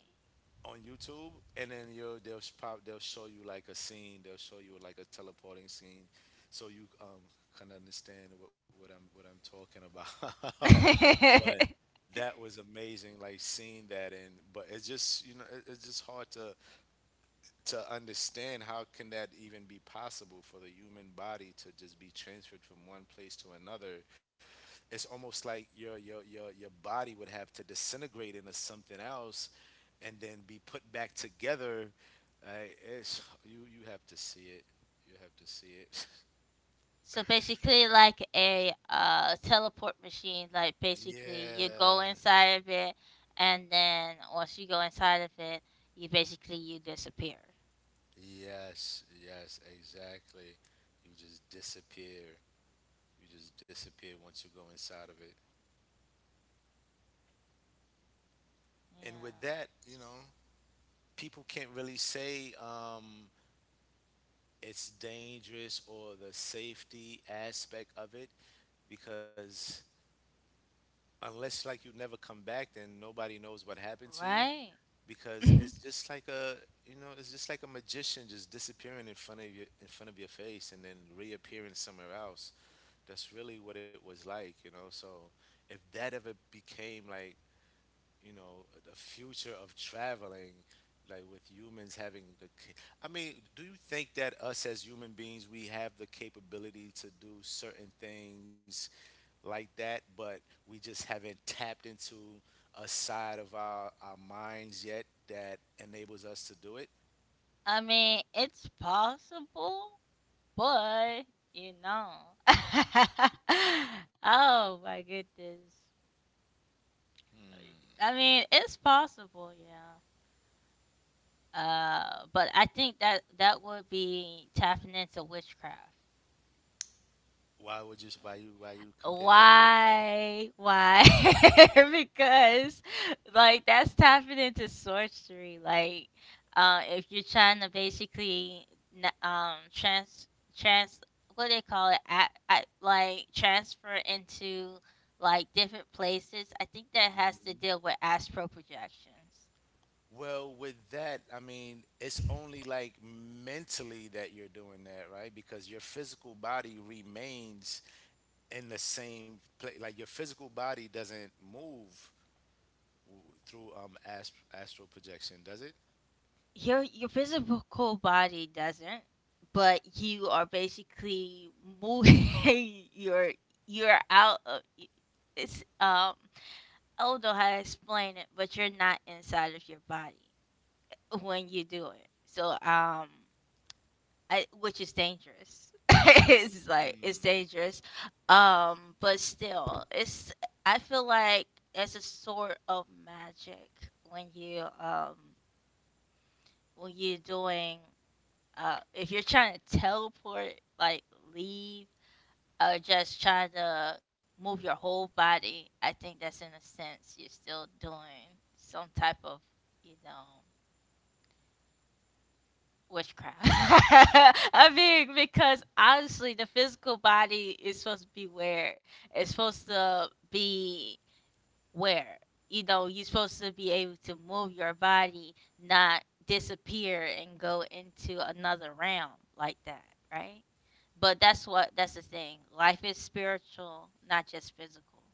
on YouTube, and then you they'll sh- pop. They'll show you like a scene. They'll show you like a teleporting scene, so you kind of understand what I'm talking about. <laughs> But
<laughs>
that was amazing like seeing that, and but it's just you know it, it's just hard to understand how can that even be possible for the human body to just be transferred from one place to another. It's almost like your body would have to disintegrate into something else and then be put back together. uh, it's you have to see it, you have to see it.
So basically like a teleport machine, like
<laughs>
basically you
Yeah,
go inside of it, and then once you go inside of it, you disappear.
yes, yes, exactly, you just disappear. You just disappear once you go inside of it. And with
Yeah,
that, you know, people can't really say it's dangerous or the safety aspect of it because unless like you never come back, then nobody knows what happened to you
right.
because it's
<laughs>
just like a you know it's just like a magician just disappearing in front of your in front of your face and then reappearing somewhere else. That's really what it was like, you know. So if that ever became like you know the future of traveling, like with humans having the I mean, do you think that us as human beings we have the capability to do certain things like that but we just haven't tapped into a side of our minds yet that enables us to do it?
I mean it's possible, but you know <laughs> oh my goodness. I mean it's possible, yeah. But I think that that would be tapping into witchcraft.
Why would you, why you compare that with...
Why? Why? <laughs> Because like that's tapping into sorcery. Like, if you're trying to basically n- trans trans what do they call it? At like transfer into like different places. I think that has to
Mhm.
deal with astral projections.
Well, with that, I mean, it's only like mentally that you're doing that, right? Because your physical body remains in the same place. Like your physical body doesn't move through astral projection, does it?
Your physical body doesn't, but you are basically moving <laughs> your you're out of y- it's I don't know how to explain it, but you're not inside of your body when you do it. So, which is dangerous. <laughs> It's like it's dangerous. But still, it's I feel like it's a sort of magic when you when you're doing. If you're trying to teleport, like leave, or just try to move your whole body, I think that's in a sense you're still doing some type of, you know, witchcraft. <laughs> I mean, because honestly, the physical body is supposed to be where it's supposed to be, where you know you're supposed to be able to move your body, not disappear and go into another realm like that, right? But that's the thing: life is spiritual, not just physical.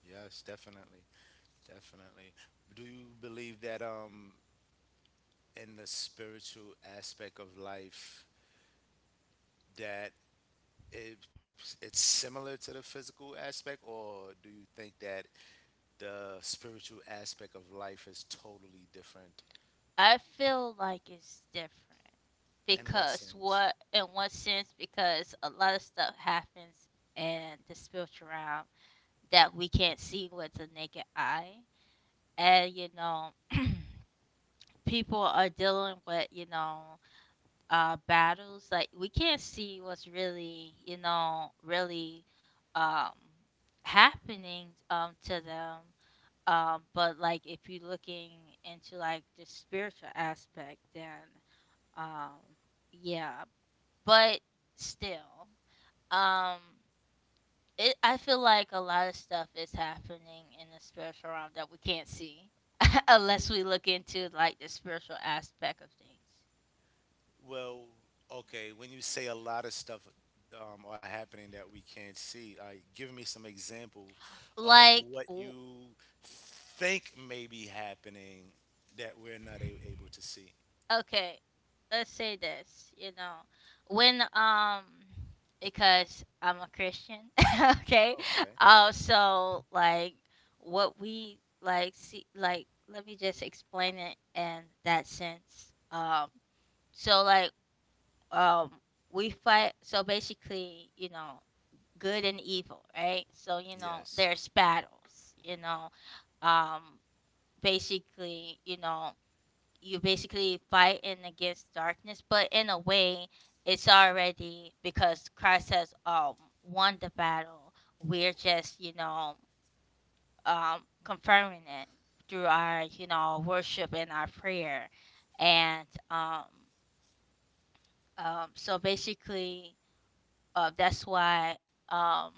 Yes, definitely, definitely. Do you believe that in the spiritual aspect of life that it, it's similar to the physical aspect, or do you think that the spiritual aspect of life is totally different?
I feel like it's different,
In what
because
sense?
what, in what sense? Because a lot of stuff happens in the spiritual realm that we can't see with the naked eye, and people are dealing with battles. Like, we can't see what's really really um happening to them. But like if you're looking into like the spiritual aspect, then um yeah, but still, um it I feel like a lot of stuff is happening in the spiritual realm that we can't see <laughs> unless we look into like the spiritual aspect of things.
Well, okay, when you say a lot of stuff are happening that we can't see, like give me some example of
like
what
w-
you think may be happening that we're not able to see.
okay, let's say this: when because I'm a Christian. <laughs> Okay.
Okay.
So like what we like see like let me just explain it in that sense. So like, um we fight, so basically good and evil, right? So
Yes,
there's battles, um basically. You basically fighting against darkness, but in a way, it's already, because Christ has won the battle. We're just confirming it through our worship and our prayer, and so basically that's why um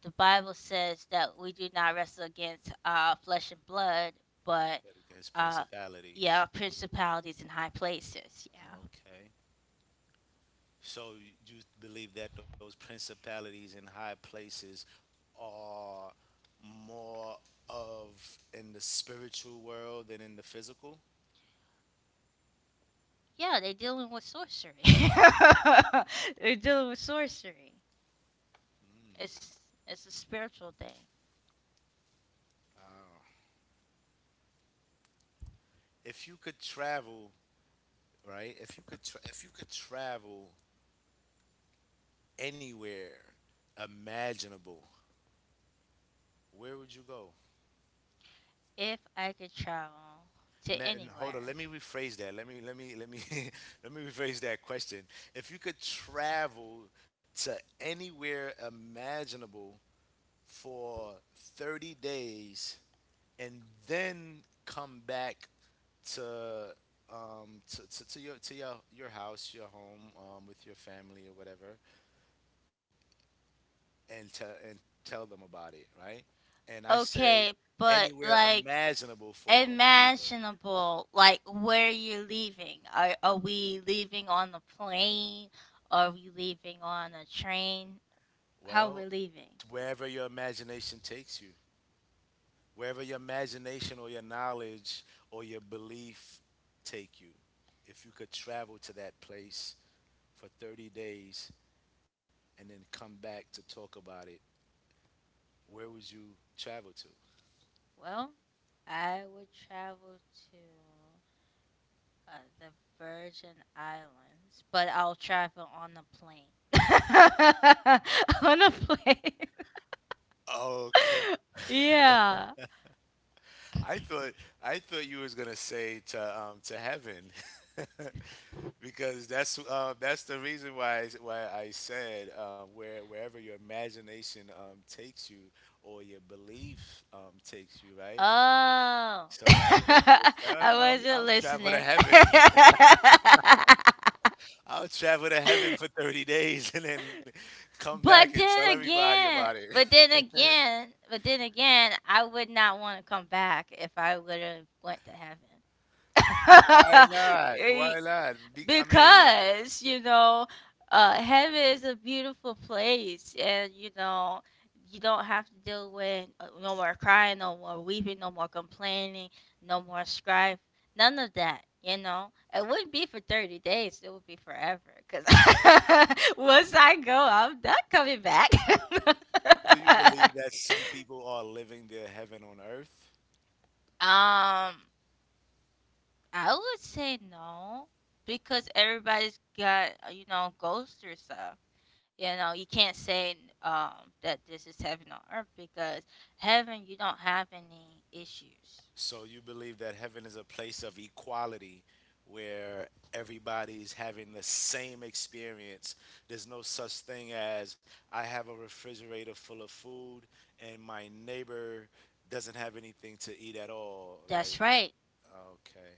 the Bible says that we do not wrestle against flesh and blood, but
but against
uh
principalities.
yeah, principalities in high places, yeah.
Okay. So you believe that those principalities in high places are more of in the spiritual world than in the physical?
Yeah, they're dealing with sorcery. <laughs> They're dealing with sorcery. It's it's a spiritual thing.
If you could travel, right? If you could travel anywhere imaginable, where would you go?
If I could travel to
Hold on,
anywhere,
let me rephrase that. Let me let me let me <laughs> let me rephrase that question. If you could travel to anywhere imaginable for 30 days and then come back to your house, your home with your family or whatever and tell them about it, right? And I say
okay, but
anywhere
like
imaginable for a reason.
imaginable, like where you're leaving. Are we leaving on the plane? Are we leaving on a train?
Well,
How we're leaving?
wherever your imagination takes you, wherever your imagination or your knowledge or your belief take you. If you could travel to that place for 30 days and then come back to talk about it, where would you travel to?
Well, I would travel to Uh, the Virgin Islands, but I'll travel on a plane. <laughs> On a plane.
Okay.
<laughs> Yeah.
I thought I thought you was gonna say to heaven. <laughs> Because that's the reason why I said, wherever your imagination takes you or your belief takes you, right?
Oh. <laughs>
So I thought you was
I
I'll,
wasn't
travel to
listening.
heaven. <laughs>
<laughs>
I'll travel to heaven for 30 days and then come back and
But
tell
then
everybody about
again,
it.
but
<laughs>
then again, but then again, I would not want to come back if I would have went to heaven.
Why not?
<laughs>
Why not? I mean,
Because heaven is a beautiful place, and you don't have to deal with no more crying, no more weeping, no more complaining, no more strife, none of that. It wouldn't be for 30 days, it would be forever, because
well,
<laughs> once I go, I'm not coming back.
do
<laughs>
you believe that some people are living their heaven on earth?
um I would say no, because everybody's got goes through stuff. You know, you can't say that this is heaven on earth, because heaven, you don't have any issues.
So you believe that heaven is a place of equality where everybody's having the same experience. There's no such thing as I have a refrigerator full of food and my neighbor doesn't have anything to eat at all. Like,
That's right.
okay,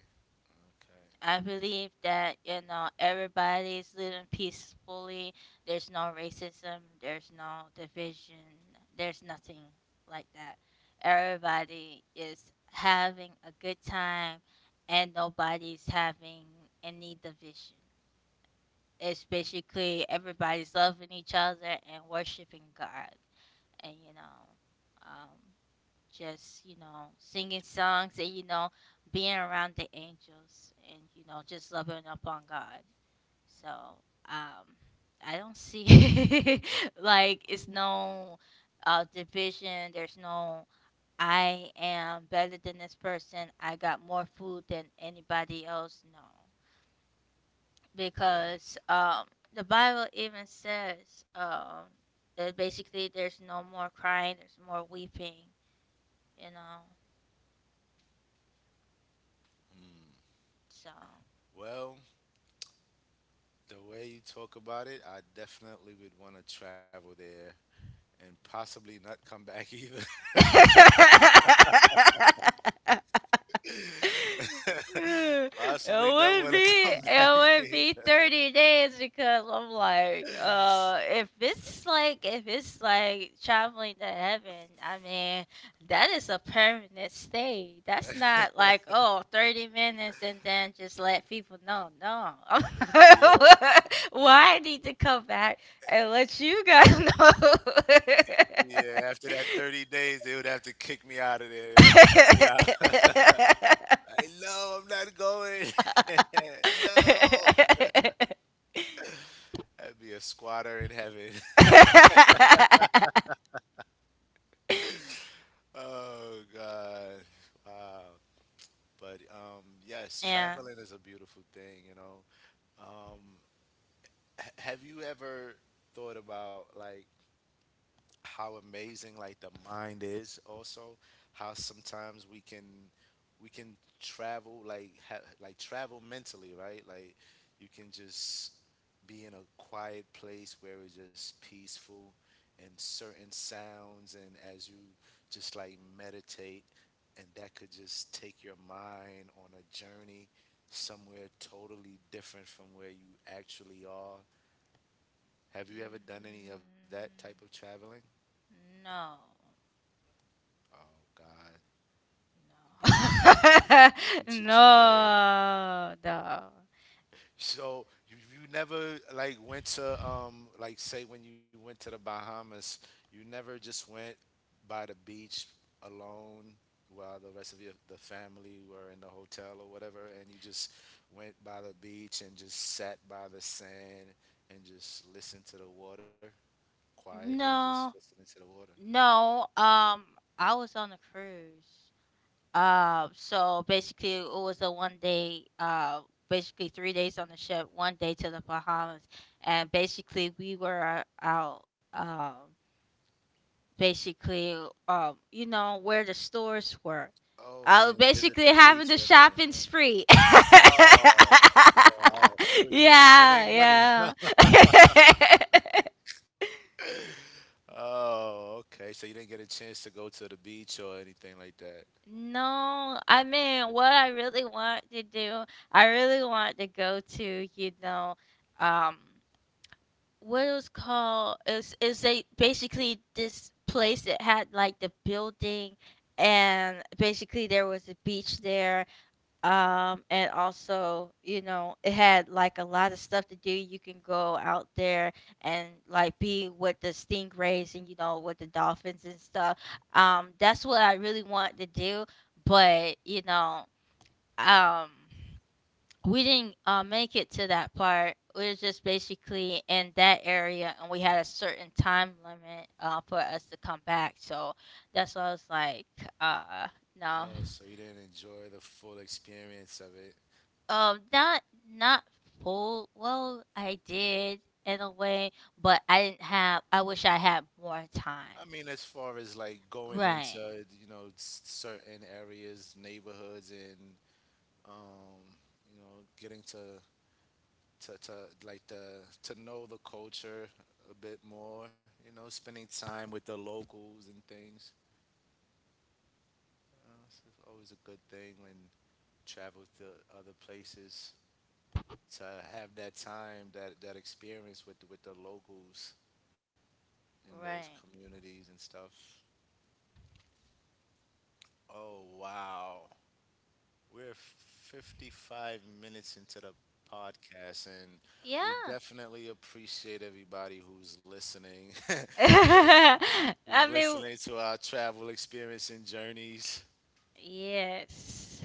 okay.
I believe that, you know, everybody's living peacefully. There's no racism, there's no division, there's nothing like that. Everybody is having a good time, and nobody's having any division. It's basically everybody's loving each other and worshiping God, and um just singing songs and being around the angels and just loving up on God. So um I don't see <laughs> like it's no division, there's no "I am better than this person, I got more food than anybody else." No, because
Yes.
the Bible even says that basically there's no more crying, there's more weeping, you know.
Hmm.
So
Well, the way you talk about it, I definitely would want to travel there and possibly not come back either.
<laughs> <laughs>
<laughs>
it
Possibly not
would
want
be,
to come <laughs> back either.
30 days, because I'm like, if it's like, traveling to heaven, I mean, that is a permanent stay. That's not like, oh, 30 minutes and then just let people know. No. <laughs> I'm like, why I need to come back and let you guys
Yeah, after that 30 days, they would have to kick me out of there. They would have to kick me out. <laughs>
know? <laughs>
Like, no, I'm not going. <laughs>
<laughs>
No. I'd be a squatter in heaven. <laughs> Oh, God. Wow. But yes,
Yeah.
traveling is a beautiful thing, you know. Um, have you ever thought about, like, how amazing like the mind is also, how sometimes we can travel like travel mentally, right? Like you can just be in a quiet place where it's just peaceful and certain sounds, and as you just like meditate, and that could just take your mind on a journey somewhere totally different from where you actually are. Have you ever done any of
Mm,
that type of traveling?
no.
Oh god.
No.
Beautiful.
<laughs>
You you should try it.
No. No.
So you never like went to like say when you went to the Bahamas, you never just went by the beach alone while the rest of your the family were in the hotel or whatever, and you just went by the beach and just sat by the sand and just listened to the water quietly, just
No.
listening to the water.
No. I was on a cruise. So basically, it was a one day. Basically 3 days on the ship, one day to the Bahamas, and basically we were out. Um, basically where the stores were.
Oh,
I
you
was
didn't visit
basically
the
having
beach
the
or anything.
shopping
Yeah.
spree. <laughs>
Oh, yeah, oh, you were just
Yeah,
spending money.
yeah. <laughs>
Oh, okay. So you didn't get a chance to go to the beach or anything like that.
No, I mean, what I really want to go to, um what it was called, is a basically this place that had like the building, and basically there was a beach there, and also it had like a lot of stuff to do. You can go out there and like be with the stingrays, and with the dolphins and stuff. That's what I really wanted to do, but um we didn't make it to that part. We were just basically in that area, and we had a certain time limit for us to come back. So that's why I was like, uh no.
Oh, so you didn't enjoy the full experience of it.
Not not full. Well, I did in a way, but I didn't have. I wish I had more
I
time.
mean, as far as like going
Right.
into, you know, certain areas, neighborhoods, and um, you know, getting to like the to know the culture a bit more, you know, spending time with the locals and things. You know, it's always a good thing when travel to other places, to have that time, that experience with the locals in those
Right.
communities and stuff. Oh wow, we're 55 minutes into the podcast, and we
Yeah.
definitely appreciate everybody who's listening, <laughs>
<laughs> I
who's
mean,
listening to our travel experience and journeys.
yes.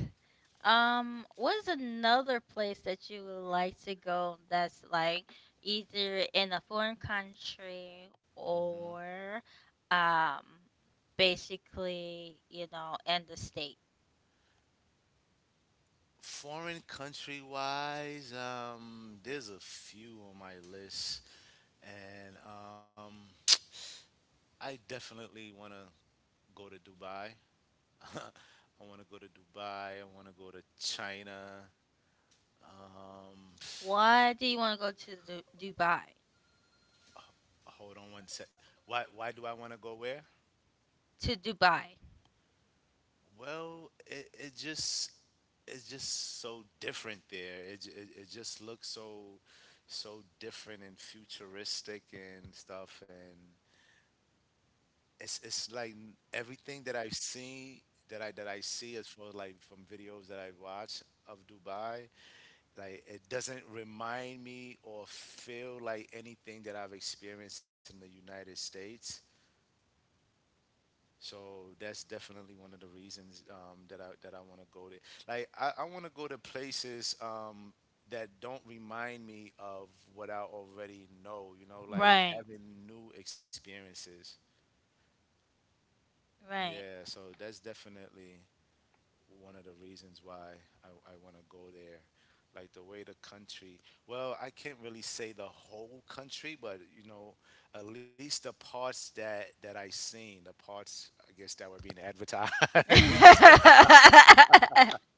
What's another place that you would like to go that's like either in a foreign country
Hmm.
or um basically, in the state?
Foreign country wise, there's a few on my list, and I definitely want to go to Dubai. <laughs> I want to go to Dubai. I want to go to China. Um,
Why do you want to go to Dubai?
hold on one sec. Why? Why do I want to go where?
To Dubai.
Well, it just, it's just so different there. It, j- It just looks so so different and futuristic and stuff. And it's like everything that I've seen, that I see as far like from videos that I've watched of Dubai. Like it doesn't remind me or feel like anything that I've experienced in the United States. So that's definitely one of the reasons that I want to go to. Like I want to go to places that don't remind me of what I already know. You know, like
Right.
having new experiences.
Right.
Yeah. So that's definitely one of the reasons why I want to go there. Like the way the country, well, I can't really say the whole country, but you know, at least the parts that I seen, the parts I guess that were being advertised. <laughs>
<laughs>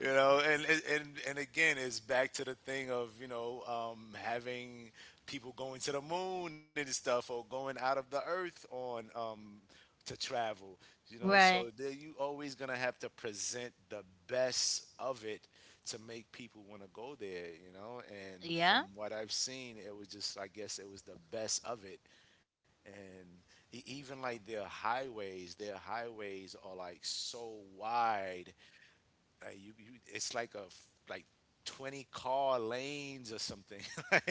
You know, and again, it's back to the thing of you know having people going to the moon and stuff, or going out of the earth on to travel. You know, so
Right.
there you always gonna have to present the best of it to make people want to go there. You know, and from
Yeah.
what I've seen, it was just I guess it was the best of it, and even like their highways are like so wide, like you, it's like 20 car lanes or something. <laughs> Like,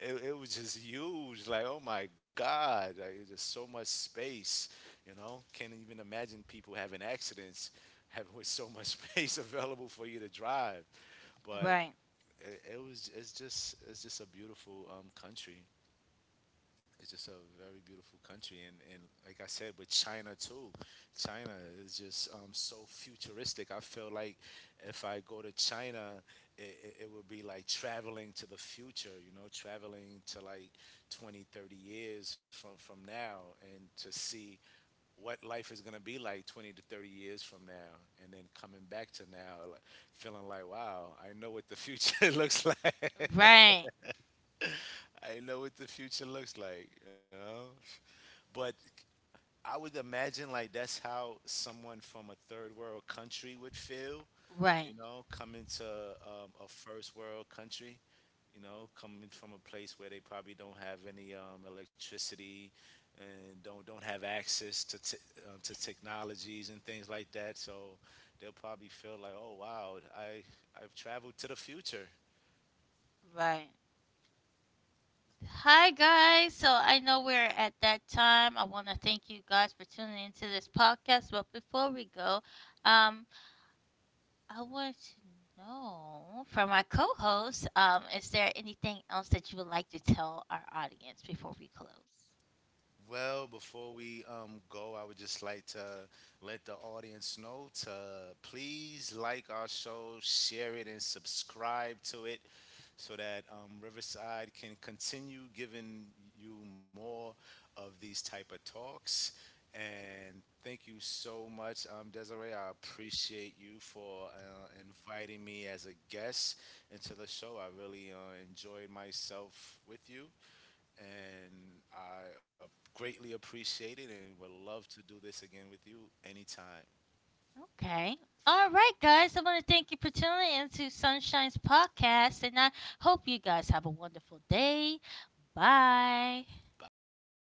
it was just huge. Like oh my god, like there's just so much space. You know, can't even imagine people having accidents, having with so much <laughs> space available for you to drive. But
Right.
it was, it's just a beautiful country. It's just a very beautiful country, and like I said, with China too, China is just so futuristic. I feel like if I go to China, it would be like traveling to the future, you know, traveling to like 20, 30 years from now, and to see what life is gonna be like 20 to 30 years from now, and then coming back to now, like, feeling like, wow, I know what the future <laughs> looks like.
Right.
<laughs> I know what the future looks like, you know? But I would imagine like that's how someone from a third world country would feel,
Right.
you know, coming to a first world country, you know, coming from a place where they probably don't have any electricity and don't have access to to technologies and things like that. So they'll probably feel like, oh wow, I've traveled to the future.
Right. Hi guys. So I know we're at that time. I want to thank you guys for tuning into this podcast. But before we go, um, I want to know from my co-host, is there anything else that you would like to tell our audience before we close?
Well, before we go, I would just like to let the audience know to please like our show, share it, and subscribe to it so that Riverside can continue giving you more of these type of talks. And thank you so much, Desiree. I appreciate you for inviting me as a guest into the show. I really enjoyed myself with you, and I greatly appreciate it, and would love to do this again with you anytime.
Okay. All right, guys. I want to thank you for tuning into Sunshine's podcast, and I hope you guys have a wonderful day. Bye.
Bye bye.